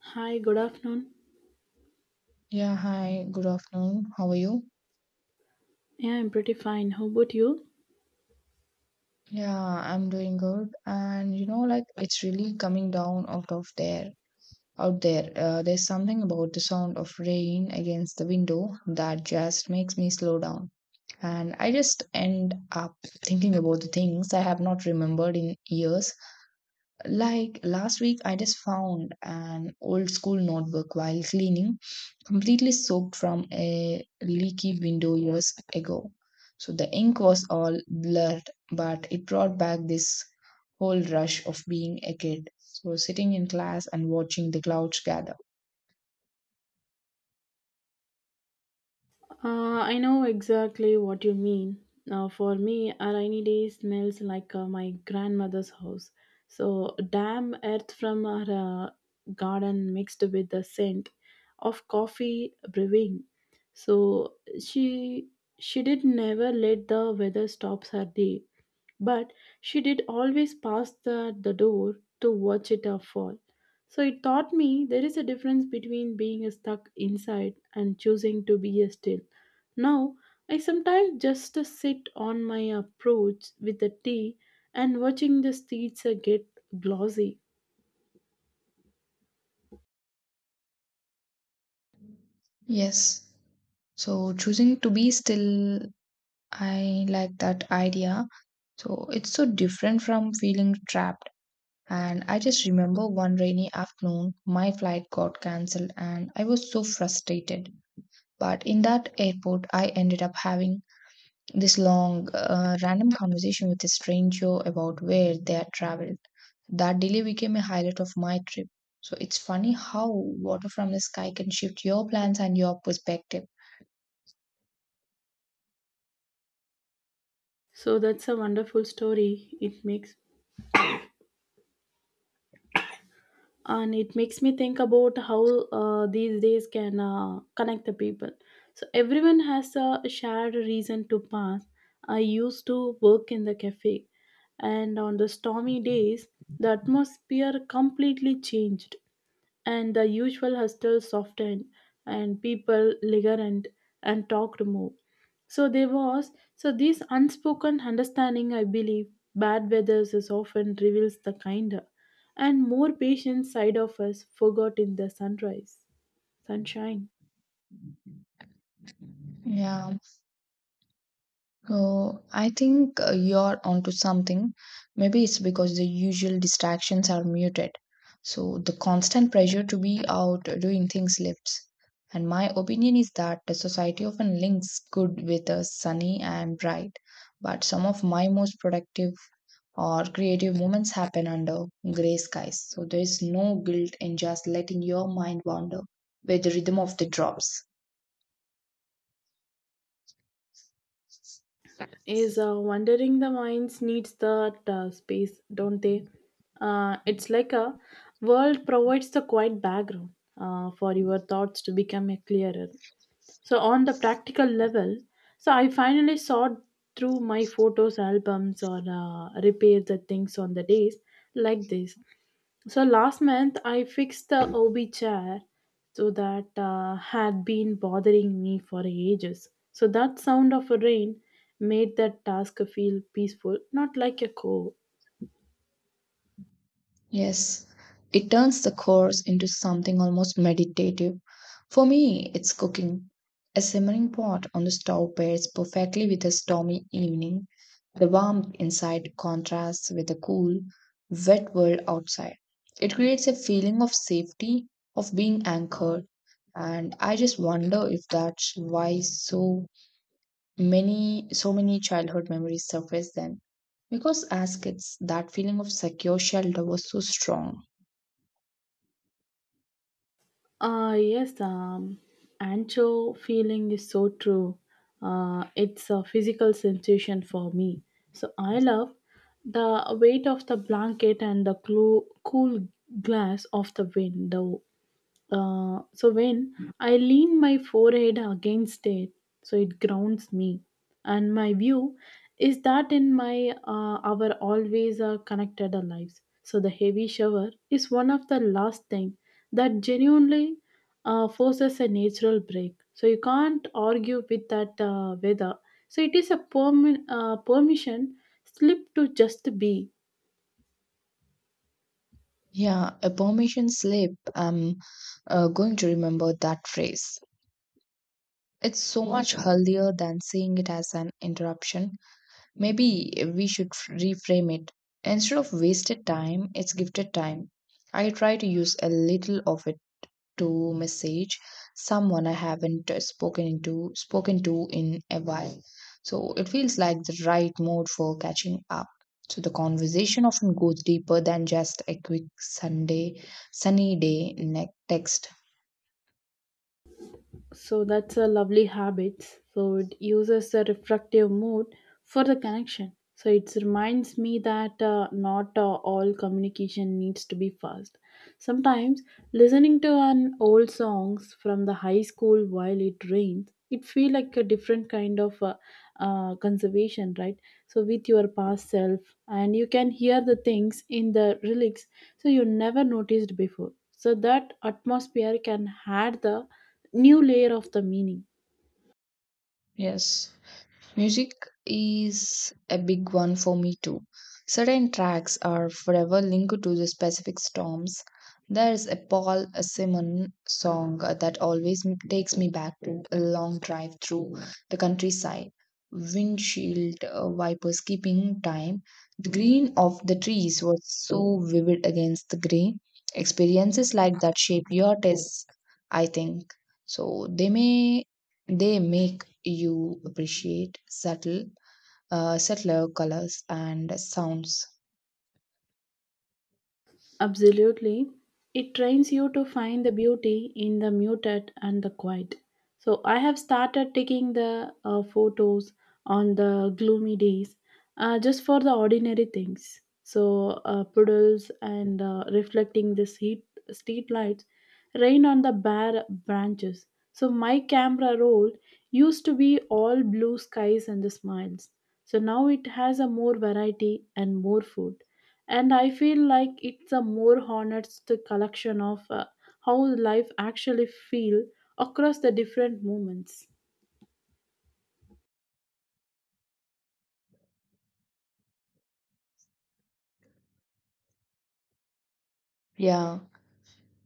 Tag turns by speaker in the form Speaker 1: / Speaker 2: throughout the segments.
Speaker 1: Hi, good afternoon.
Speaker 2: Yeah, hi, good afternoon. How are you?
Speaker 1: Yeah, I'm pretty fine. How about you?
Speaker 2: Yeah, I'm doing good. And like it's really coming down out there. There's something about the sound of rain against the window that just makes me slow down. And I just end up thinking about the things I have not remembered in years. Like last week, I just found an old school notebook while cleaning, completely soaked from a leaky window years ago. So the ink was all blurred, but it brought back this whole rush of being a kid. So sitting in class and watching the clouds gather.
Speaker 1: I know exactly what you mean. Now, for me, a rainy day smells like my grandmother's house. So, damp earth from her garden mixed with the scent of coffee brewing. So, she she did never let the weather stop her day. But she did always pass the door to watch it fall. So it taught me there is a difference between being stuck inside and choosing to be a still. Now, I sometimes just sit on my approach with the tea and watching the streets get glossy.
Speaker 2: Yes. So choosing to be still, I like that idea. So it's so different from feeling trapped. And I just remember one rainy afternoon, my flight got cancelled and I was so frustrated. But in that airport, I ended up having this long, random conversation with a stranger about where they had traveled. That delay became a highlight of my trip. So it's funny how water from the sky can shift your plans and your perspective.
Speaker 1: So that's a wonderful story. It makes me think about how these days can connect the people, so everyone has a shared reason to pass. I used to work in the cafe, and on the stormy days the atmosphere completely changed, and the usual hustle softened, and people liggerant and talked more. So there was so this unspoken understanding, I believe bad weathers is often reveals the kinder and more patient side of us, forgot in the sunrise, sunshine.
Speaker 2: Yeah. Oh, I think you're onto something. Maybe it's because the usual distractions are muted. So the constant pressure to be out doing things lifts. And my opinion is that the society often links good with a sunny and bright. But some of my most productive or creative moments happen under gray skies. So there is no guilt in just letting your mind wander with the rhythm of the drops.
Speaker 1: Is wandering the minds needs that space, don't they? It's like a world provides the quiet background for your thoughts to become a clearer. So, on the practical level, so I finally saw through my photos, albums, or repaired the things on the days like this. So, last month I fixed the OB chair so that had been bothering me for ages. So, that sound of a rain made that task feel peaceful, not like a chore.
Speaker 2: Yes, it turns the course into something almost meditative. For me, it's cooking. A simmering pot on the stove pairs perfectly with a stormy evening. The warmth inside contrasts with the cool, wet world outside. It creates a feeling of safety, of being anchored. And I just wonder if that's why so many childhood memories surface then. Because as kids, that feeling of secure shelter was so strong.
Speaker 1: Yes, ancho feeling is so true. It's a physical sensation for me. So I love the weight of the blanket and the cool glass of the window. So when I lean my forehead against it, so it grounds me, and my view is that in my our always connected lives, so the heavy shower is one of the last thing that genuinely forces a natural break. So you can't argue with that weather, so it is a permission slip to just be.
Speaker 2: Yeah, a permission slip. I'm going to remember that phrase. It's so much healthier than seeing it as an interruption. Maybe we should reframe it. Instead of wasted time, it's gifted time. I try to use a little of it to message someone I haven't spoken to in a while. So it feels like the right mode for catching up. So the conversation often goes deeper than just a quick Sunday sunny day text.
Speaker 1: So that's a lovely habit. So it uses the reflective mode for the connection. So it reminds me that not all communication needs to be fast. Sometimes listening to an old songs from the high school while it rains, it feel like a different kind of conservation, right? So with your past self, and you can hear the things in the lyrics, so you never noticed before. So that atmosphere can add the new layer of the meaning.
Speaker 2: Yes. Music is a big one for me too. Certain tracks are forever linked to the specific storms. There's a Paul Simon song that always takes me back to a long drive through the countryside. Windshield wipers keeping time. The green of the trees was so vivid against the gray. Experiences like that shape your tastes, I think. So they make you appreciate subtler colors and sounds.
Speaker 1: Absolutely. It trains you to find the beauty in the muted and the quiet. So I have started taking the photos on the gloomy days, just for the ordinary things. So puddles and reflecting the street, street lights, rain on the bare branches. So my camera roll used to be all blue skies and the smiles. So now it has a more variety and more food, and I feel like it's a more honest collection of how life actually feel across the different moments.
Speaker 2: Yeah,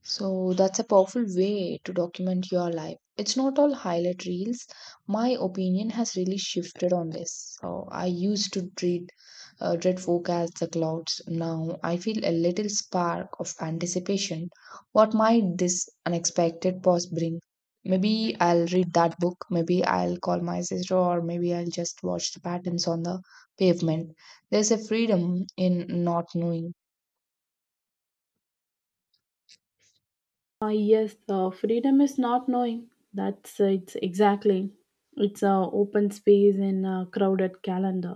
Speaker 2: so that's a powerful way to document your life. It's not all highlight reels. My opinion has really shifted on this. So I used to treat dread forecasts the clouds. Now I feel a little spark of anticipation. What might this unexpected pause bring? Maybe I'll read that book. Maybe I'll call my sister, or maybe I'll just watch the patterns on the pavement. There's a freedom in not knowing.
Speaker 1: yes, freedom is not knowing, that's it's exactly it's a open space in a crowded calendar,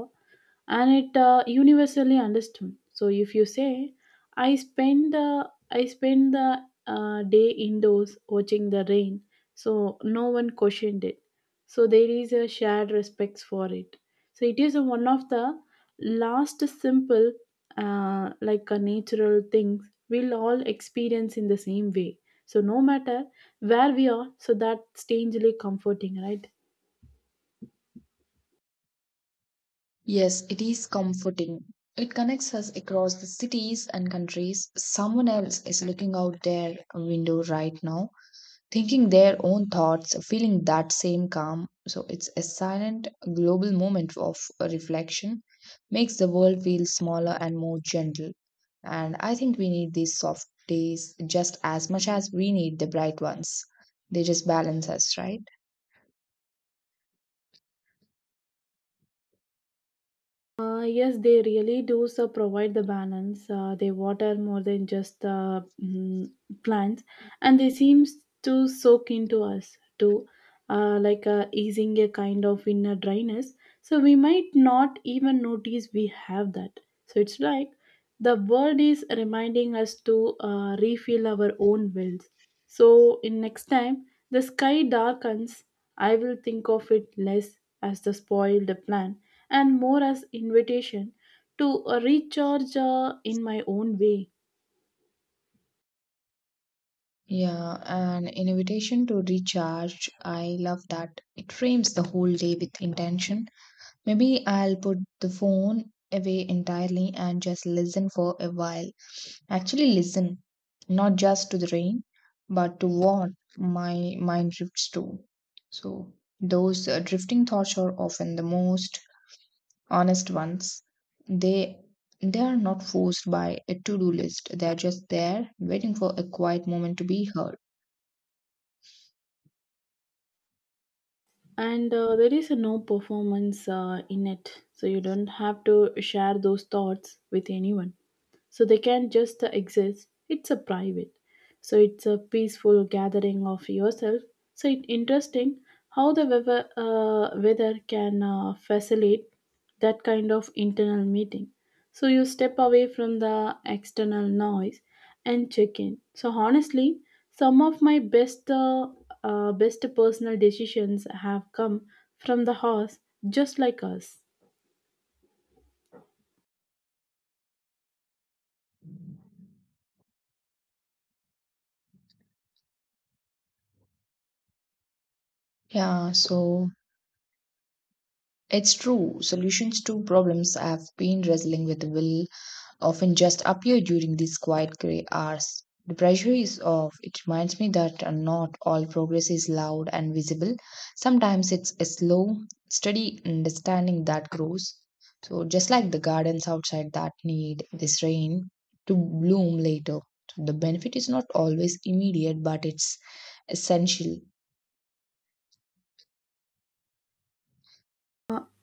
Speaker 1: and it universally understood. So if you say I spend the day indoors watching the rain, so no one questioned it, so there is a shared respect for it. So it is one of the last simple like a natural things we'll all experience in the same way, so no matter where we are. So that's strangely comforting, right?
Speaker 2: Yes, it is comforting. It connects us across the cities and countries. Someone else is looking out their window right now, thinking their own thoughts, feeling that same calm. So it's a silent global moment of reflection, makes the world feel smaller and more gentle. And I think we need these soft days just as much as we need the bright ones. They just balance us, right?
Speaker 1: Yes, they really do so provide the balance. They water more than just plants, and they seems to soak into us too, like easing a kind of inner dryness, so we might not even notice we have that. So it's like the world is reminding us to refill our own wells. So in next time the sky darkens, I will think of it less as the spoiled plan and more as invitation to recharge in my own way.
Speaker 2: Yeah, an invitation to recharge. I love that. It frames the whole day with intention. Maybe I'll put the phone away entirely and just listen for a while. Actually, listen, not just to the rain, but to what my mind drifts to. So, those drifting thoughts are often the most honest ones. They they are not forced by a to-do list. They are just there, waiting for a quiet moment to be heard.
Speaker 1: And there is no performance in it, so you don't have to share those thoughts with anyone, so they can just exist. It's a private, so it's a peaceful gathering of yourself. So it's interesting how the weather can facilitate that kind of internal meeting. So you step away from the external noise and check in so honestly. Some of my best best personal decisions have come from the horse, just like us.
Speaker 2: Yeah, so it's true. Solutions to problems I've been wrestling with will often just appear during these quiet gray hours. The pressure is off. It reminds me that not all progress is loud and visible. Sometimes it's a slow, steady understanding that grows. So, just like the gardens outside that need this rain to bloom later. So the benefit is not always immediate, but it's essential.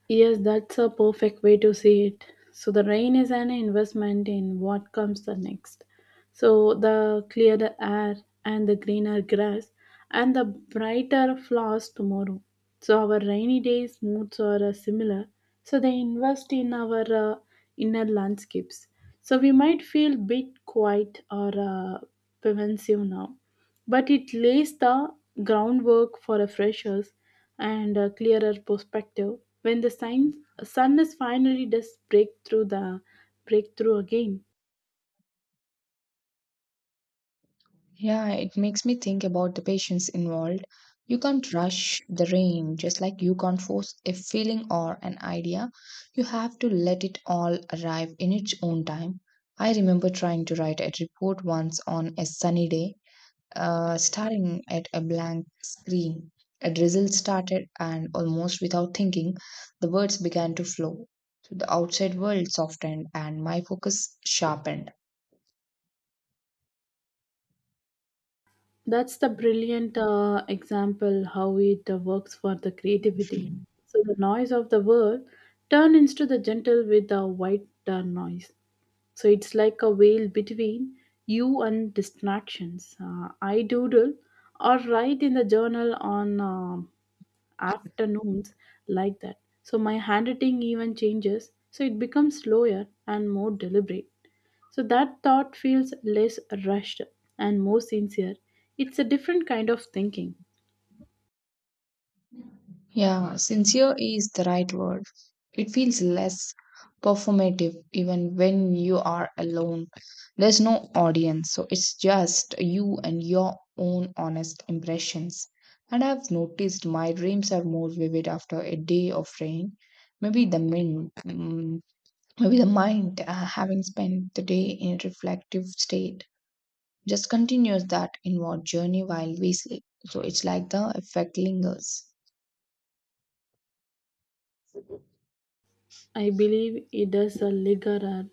Speaker 1: Yes, that's a perfect way to see it. So the rain is an investment in what comes the next. So the clearer air and the greener grass and the brighter flowers tomorrow. So our rainy days moods are similar. So they invest in our uh, inner landscapes. So we might feel bit quiet or pensive now, but it lays the groundwork for a fresher, and a clearer perspective when the sun is finally does break through the breakthrough again.
Speaker 2: Yeah, it makes me think about the patients involved. You can't rush the rain, just like you can't force a feeling or an idea. You have to let it all arrive in its own time. I remember trying to write a report once on a sunny day, staring at a blank screen. A drizzle started, and almost without thinking, the words began to flow. So the outside world softened, and my focus sharpened.
Speaker 1: That's the brilliant example how it works for the creativity. So the noise of the world turn into the gentle with the white noise. So it's like a veil between you and distractions. I doodle or write in the journal on afternoons like that. So my handwriting even changes, so it becomes slower and more deliberate. So that thought feels less rushed and more sincere. It's a different kind of thinking.
Speaker 2: Yeah, sincere is the right word. It feels less performative even when you are alone. There's no audience, so it's just you and your own honest impressions. And I've noticed my dreams are more vivid after a day of rain. Maybe the mind, mm, maybe the mind, having spent the day in a reflective state, just continues that inward journey while we sleep. So it's like the effect lingers.
Speaker 1: I believe it does a ligarer.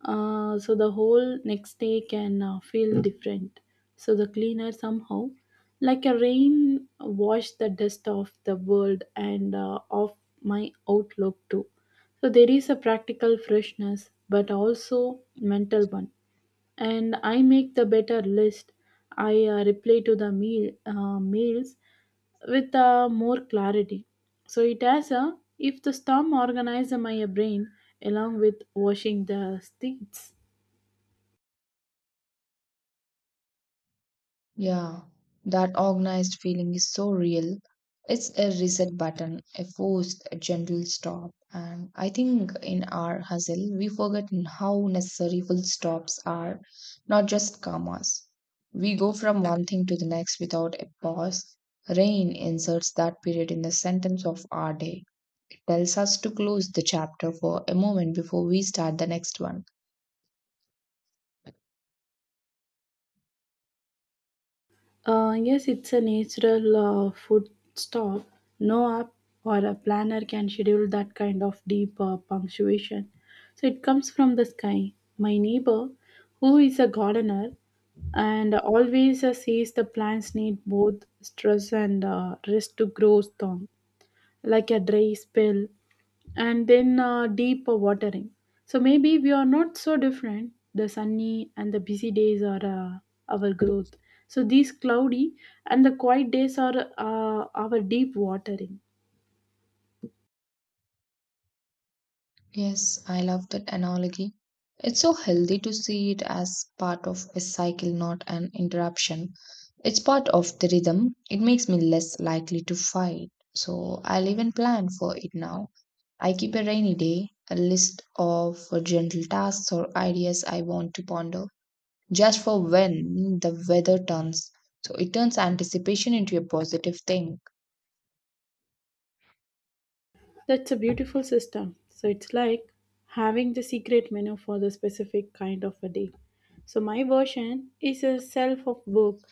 Speaker 1: So the whole next day can feel different. So the cleaner somehow, like a rain, wash the dust off the world and off my outlook too. So there is a practical freshness, but also mental one, and I make the better list. I reply to the meal mails with more clarity. So it has a if the storm organized my brain along with washing the streets.
Speaker 2: Yeah, that organized feeling is so real. It's a reset button, a forced, a gentle stop. And I think in our hustle, we forget how necessary full stops are, not just commas. We go from one thing to the next without a pause. Rain inserts that period in the sentence of our day. It tells us to close the chapter for a moment before we start the next one.
Speaker 1: Yes, it's a natural food stop. No app or a planner can schedule that kind of deep punctuation. So it comes from the sky. My neighbor, who is a gardener, and always says the plants need both stress and rest to grow strong, like a dry spell and then deep watering. So maybe we are not so different. The sunny and the busy days are our growth. So these cloudy and the quiet days are our deep watering.
Speaker 2: Yes, I love that analogy. It's so healthy to see it as part of a cycle, not an interruption. It's part of the rhythm. It makes me less likely to fight. So I'll even plan for it now. I keep a rainy day, a list of gentle tasks or ideas I want to ponder, just for when the weather turns. So it turns anticipation into a positive thing.
Speaker 1: That's a beautiful system. So it's like having the secret menu for the specific kind of a day. So my version is a self of book.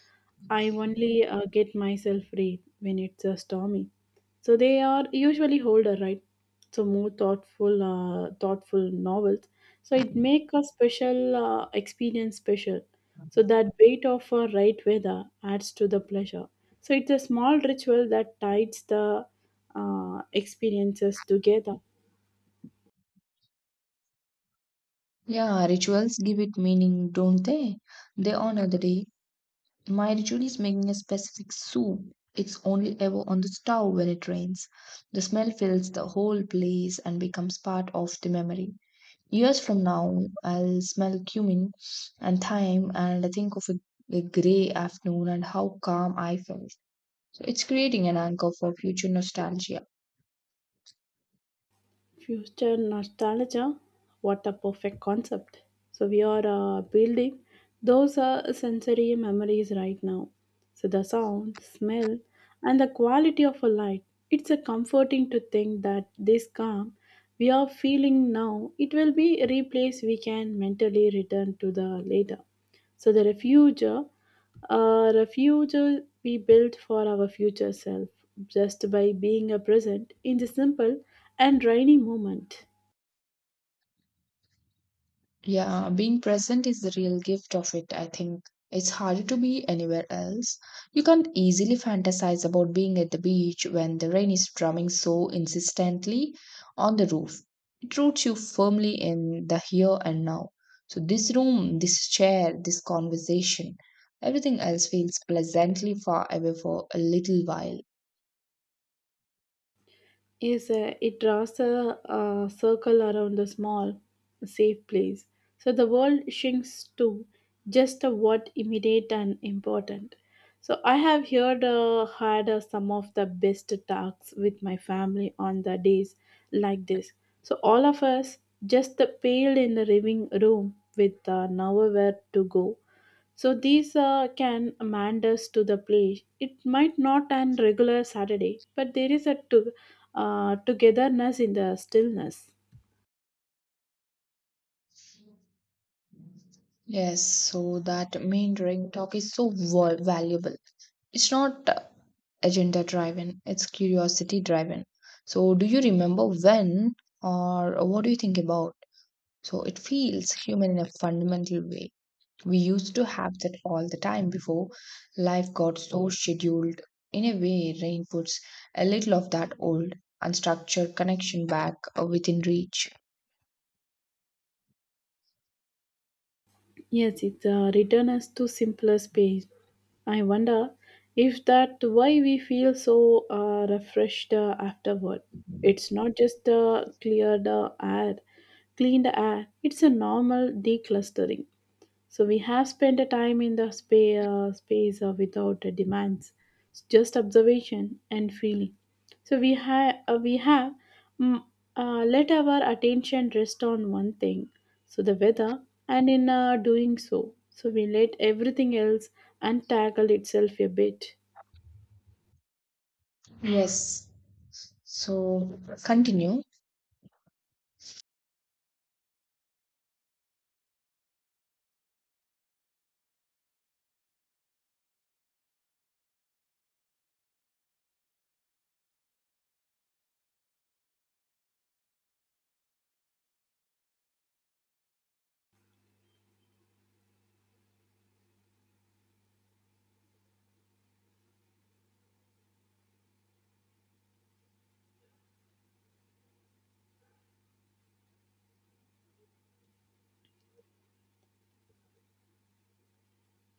Speaker 1: I only get myself read when it's stormy. So they are usually older, right? So more thoughtful, thoughtful novels. So it make a special experience special. So that weight of a right weather adds to the pleasure. So it's a small ritual that ties the experiences together.
Speaker 2: Yeah, rituals give it meaning, don't they? They honor the day. My ritual is making a specific soup. It's only ever on the stove when it rains. The smell fills the whole place and becomes part of the memory. Years from now, I'll smell cumin and thyme and think of a grey afternoon and how calm I felt. So it's creating an anchor for future nostalgia.
Speaker 1: Future nostalgia, what a perfect concept. So we are building those sensory memories right now. So the sound, smell, and the quality of a light. It's a comforting to think that this calm we are feeling now, it will be a replace we can mentally return to the later. So the refuge, a refuge we build for our future self just by being a present in the simple and rainy moment.
Speaker 2: Yeah, being present is the real gift of it, I think. It's harder to be anywhere else. You can't easily fantasize about being at the beach when the rain is drumming so insistently on the roof. It roots you firmly in the here and now. So, this room, this chair, this conversation, everything else feels pleasantly far away for a little while.
Speaker 1: Yes, it draws a, circle around the small, safe place. So the world shrinks to just what immediate and important. So I have heard had some of the best talks with my family on the days like this. So all of us just paled in the living room with nowhere to go, so these can mend us to the place. It might not an regular Saturday, but there is a to, togetherness in the stillness.
Speaker 2: Yes, so that main ring talk is so valuable. It's not agenda driven, it's curiosity driven. So, do you remember when or what do you think about? So, it feels human in a fundamental way. We used to have that all the time before life got so scheduled. In a way, rain puts a little of that old, unstructured connection back within reach.
Speaker 1: Yes, it returns us to simpler space. I wonder if that why we feel so refreshed afterward. It's not just clean the air. It's a normal declustering. So we have spent a time in the space without demands. It's just observation and feeling. So we have mm, let our attention rest on one thing, so the weather, and in doing so, so we let everything else untangle itself a bit.
Speaker 2: Yes. So, continue.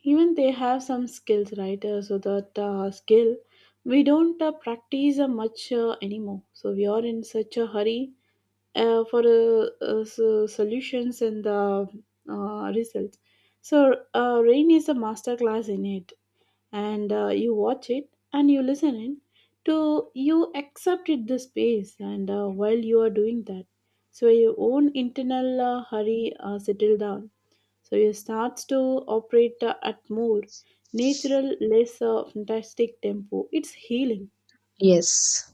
Speaker 1: Even they have some skills, right? So that skill we don't practice much anymore. So we are in such a hurry for the so solutions and the results. Rain is a masterclass in it, and you watch it and you listen in to you accept it the space, and while you are doing that, so your own internal hurry settle down. So you starts to operate at more natural, less fantastic tempo. It's healing.
Speaker 2: Yes.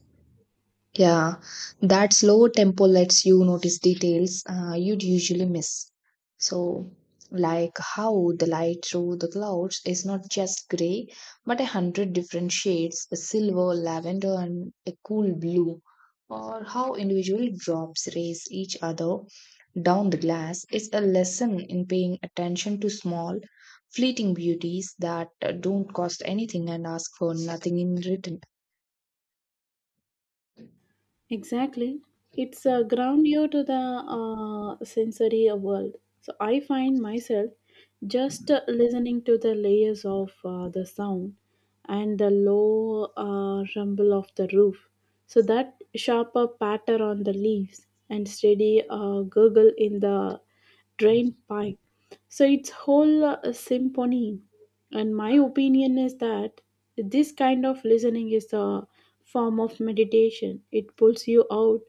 Speaker 2: Yeah, that slow tempo lets you notice details you'd usually miss. So, like how the light through the clouds is not just gray, but 100 different shades a silver, lavender, and a cool blue. Or how individual drops race each other down the glass is a lesson in paying attention to small, fleeting beauties that don't cost anything and ask for nothing in return.
Speaker 1: Exactly. It's a ground you to the sensory world. So I find myself just listening to the layers of the sound and the low rumble of the roof. So that sharper patter on the leaves and steady gurgle in the drain pipe. So it's whole symphony, and my opinion is that this kind of listening is a form of meditation. It pulls you out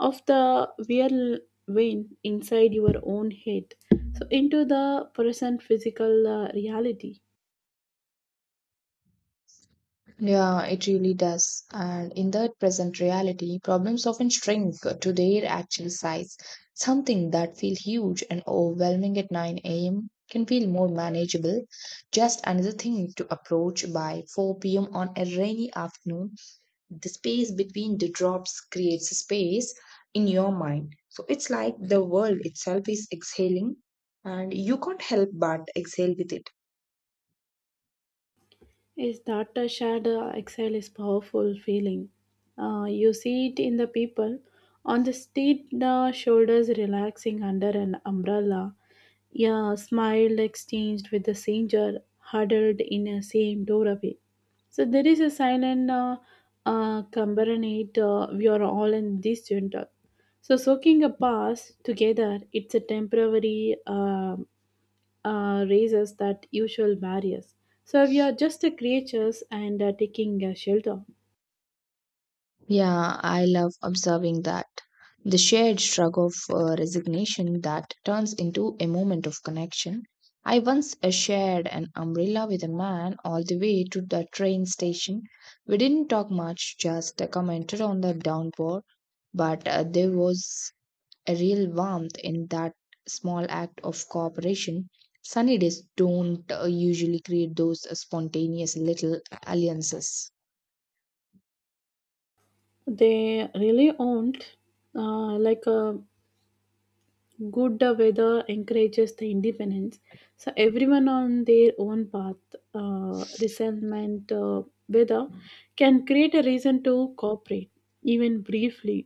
Speaker 1: of the real vein inside your own head, so into the present physical reality.
Speaker 2: Yeah, it really does. And in the present reality, problems often shrink to their actual size. Something that feels huge and overwhelming at 9 a.m. can feel more manageable. Just another thing to approach by 4 p.m. on a rainy afternoon. The space between the drops creates a space in your mind. So it's like the world itself is exhaling, and you can't help but exhale with it.
Speaker 1: Is that a shared exile is powerful feeling. You see it in the people on the street, the shoulders relaxing under an umbrella. Yeah, smile exchanged with the stranger huddled in a same doorway. So there is a silent conglomerate. We are all in this junta. So soaking a pass together, it's a temporary. Raises that usual barriers. So we are just the creatures and taking shelter.
Speaker 2: Yeah, I love observing that. The shared shrug of resignation that turns into a moment of connection. I once shared an umbrella with a man all the way to the train station. We didn't talk much, just commented on the downpour, but there was a real warmth in that small act of cooperation. Sunny days don't usually create those spontaneous little alliances.
Speaker 1: They really aren't like a good weather encourages the independence, so everyone on their own path resentment weather can create a reason to cooperate, even briefly.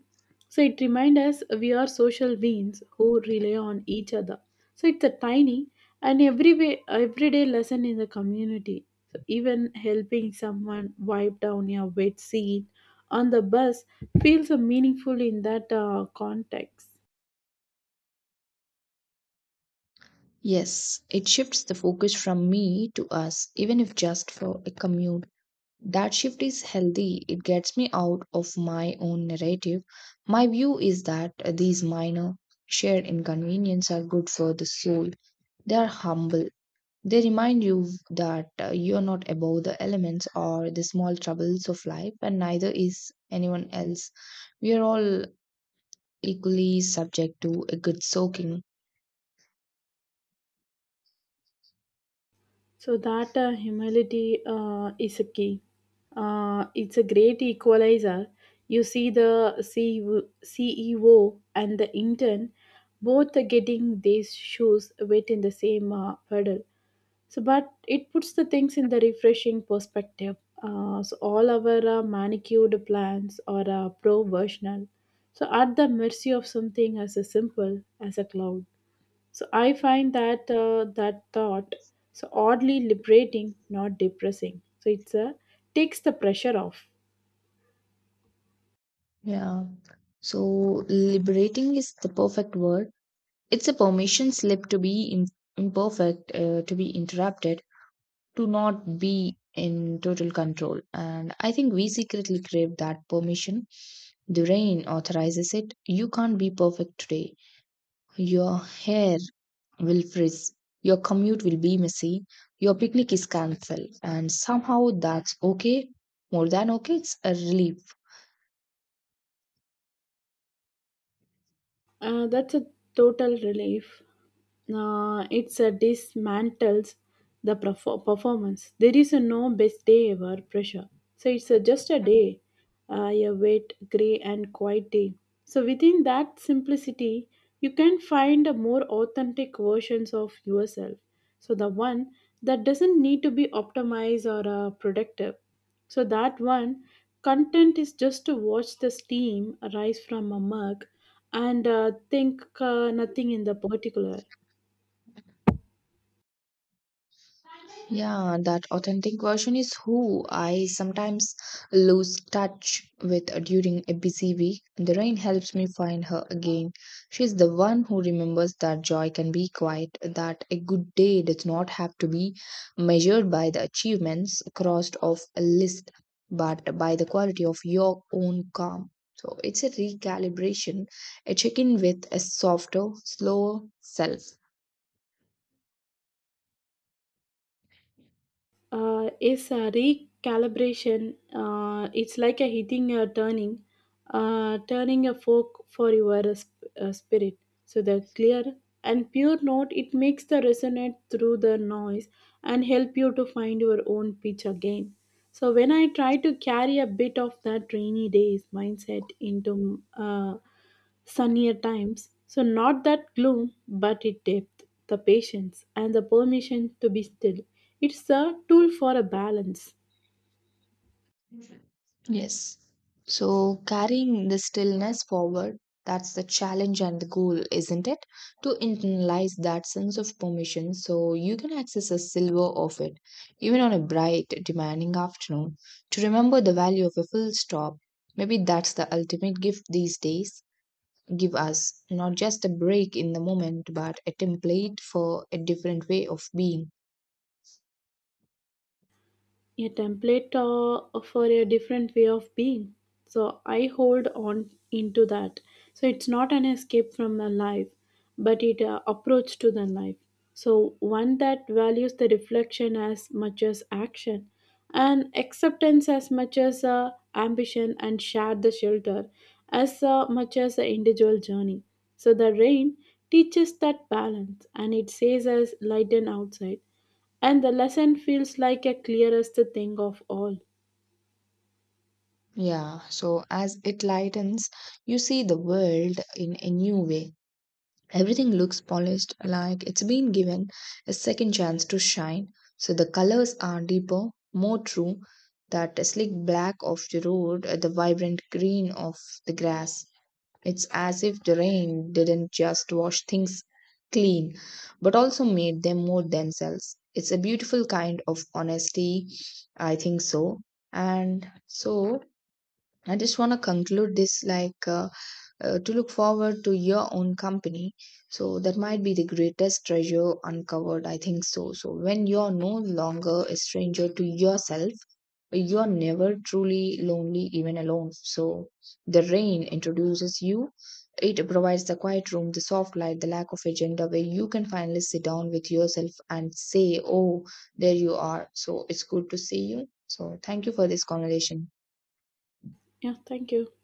Speaker 1: So it reminds us we are social beings who rely on each other. So it's a tiny and every way, everyday lesson in the community. So even helping someone wipe down a wet seat on the bus feels meaningful in that context.
Speaker 2: Yes, it shifts the focus from me to us, even if just for a commute. That shift is healthy. It gets me out of my own narrative. My view is that these minor shared inconveniences are good for the soul. They are humble. They remind you that you are not above the elements or the small troubles of life, and neither is anyone else. We are all equally subject to a good soaking.
Speaker 1: So that humility is a key. It's a great equalizer. You see the CEO, and the intern both are getting these shoes wet in the same puddle. So, but it puts the things in the refreshing perspective. So all our manicured plans are pro-versional. So at the mercy of something as a simple as a cloud. So I find that that thought so oddly liberating, not depressing. So it's a takes the pressure off.
Speaker 2: Yeah. So liberating is the perfect word. It's a permission slip to be im imperfect, to be interrupted, to not be in total control. And I think we secretly crave that permission. The rain authorizes it. You can't be perfect today. Your hair will frizz. Your commute will be messy. Your picnic is cancelled. And somehow that's okay. More than okay, it's a relief.
Speaker 1: That's a total relief. It dismantles the performance. There is a no best day ever pressure. So it's just a day, a wet, grey, and quiet day. So within that simplicity, you can find a more authentic versions of yourself. So the one that doesn't need to be optimized or productive. So that one content is just to watch the steam rise from a mug and think nothing in the particular.
Speaker 2: Yeah, that authentic version is who I sometimes lose touch with during a busy week. The rain helps me find her again. She's the one who remembers that joy can be quiet, that a good day does not have to be measured by the achievements crossed off a list, but by the quality of your own calm. So it's a recalibration, a check in with a softer, slower self.
Speaker 1: Is a recalibration. It's like a hitting a turning, turning a fork for your spirit. So the clear and pure note it makes the resonate through the noise and help you to find your own pitch again. So when I try to carry a bit of that rainy days mindset into sunnier times. So, not that gloom, but it depth, the patience, and the permission to be still. It's a tool for a balance.
Speaker 2: Yes. So carrying the stillness forward, that's the challenge and the goal, isn't it? To internalize that sense of permission so you can access a silver of it, even on a bright, demanding afternoon, to remember the value of a full stop. Maybe that's the ultimate gift these days. Give us not just a break in the moment, but a template for a different way of being.
Speaker 1: A template for a different way of being, so I hold on into that. So it's not an escape from the life, but it approach to the life. So one that values the reflection as much as action and acceptance as much as ambition and share the shelter as much as the individual journey. So the rain teaches that balance, and it says as lighten outside and the lesson feels like a clearest thing of all.
Speaker 2: Yeah, so as it lightens, you see the world in a new way. Everything looks polished, like it's been given a second chance to shine. So the colors are deeper, more true. That slick black of the road, the vibrant green of the grass. It's as if the rain didn't just wash things clean, but also made them more themselves. It's a beautiful kind of honesty, I think so. And so, I just want to conclude this like. To look forward to your own company. So that might be the greatest treasure uncovered. I think so. So when you're no longer a stranger to yourself, you are never truly lonely, even alone. So the rain introduces you. It provides the quiet room, the soft light, the lack of agenda where you can finally sit down with yourself and say, Oh, there you are. So it's good to see you. So thank you for this conversation.
Speaker 1: Yeah, thank you.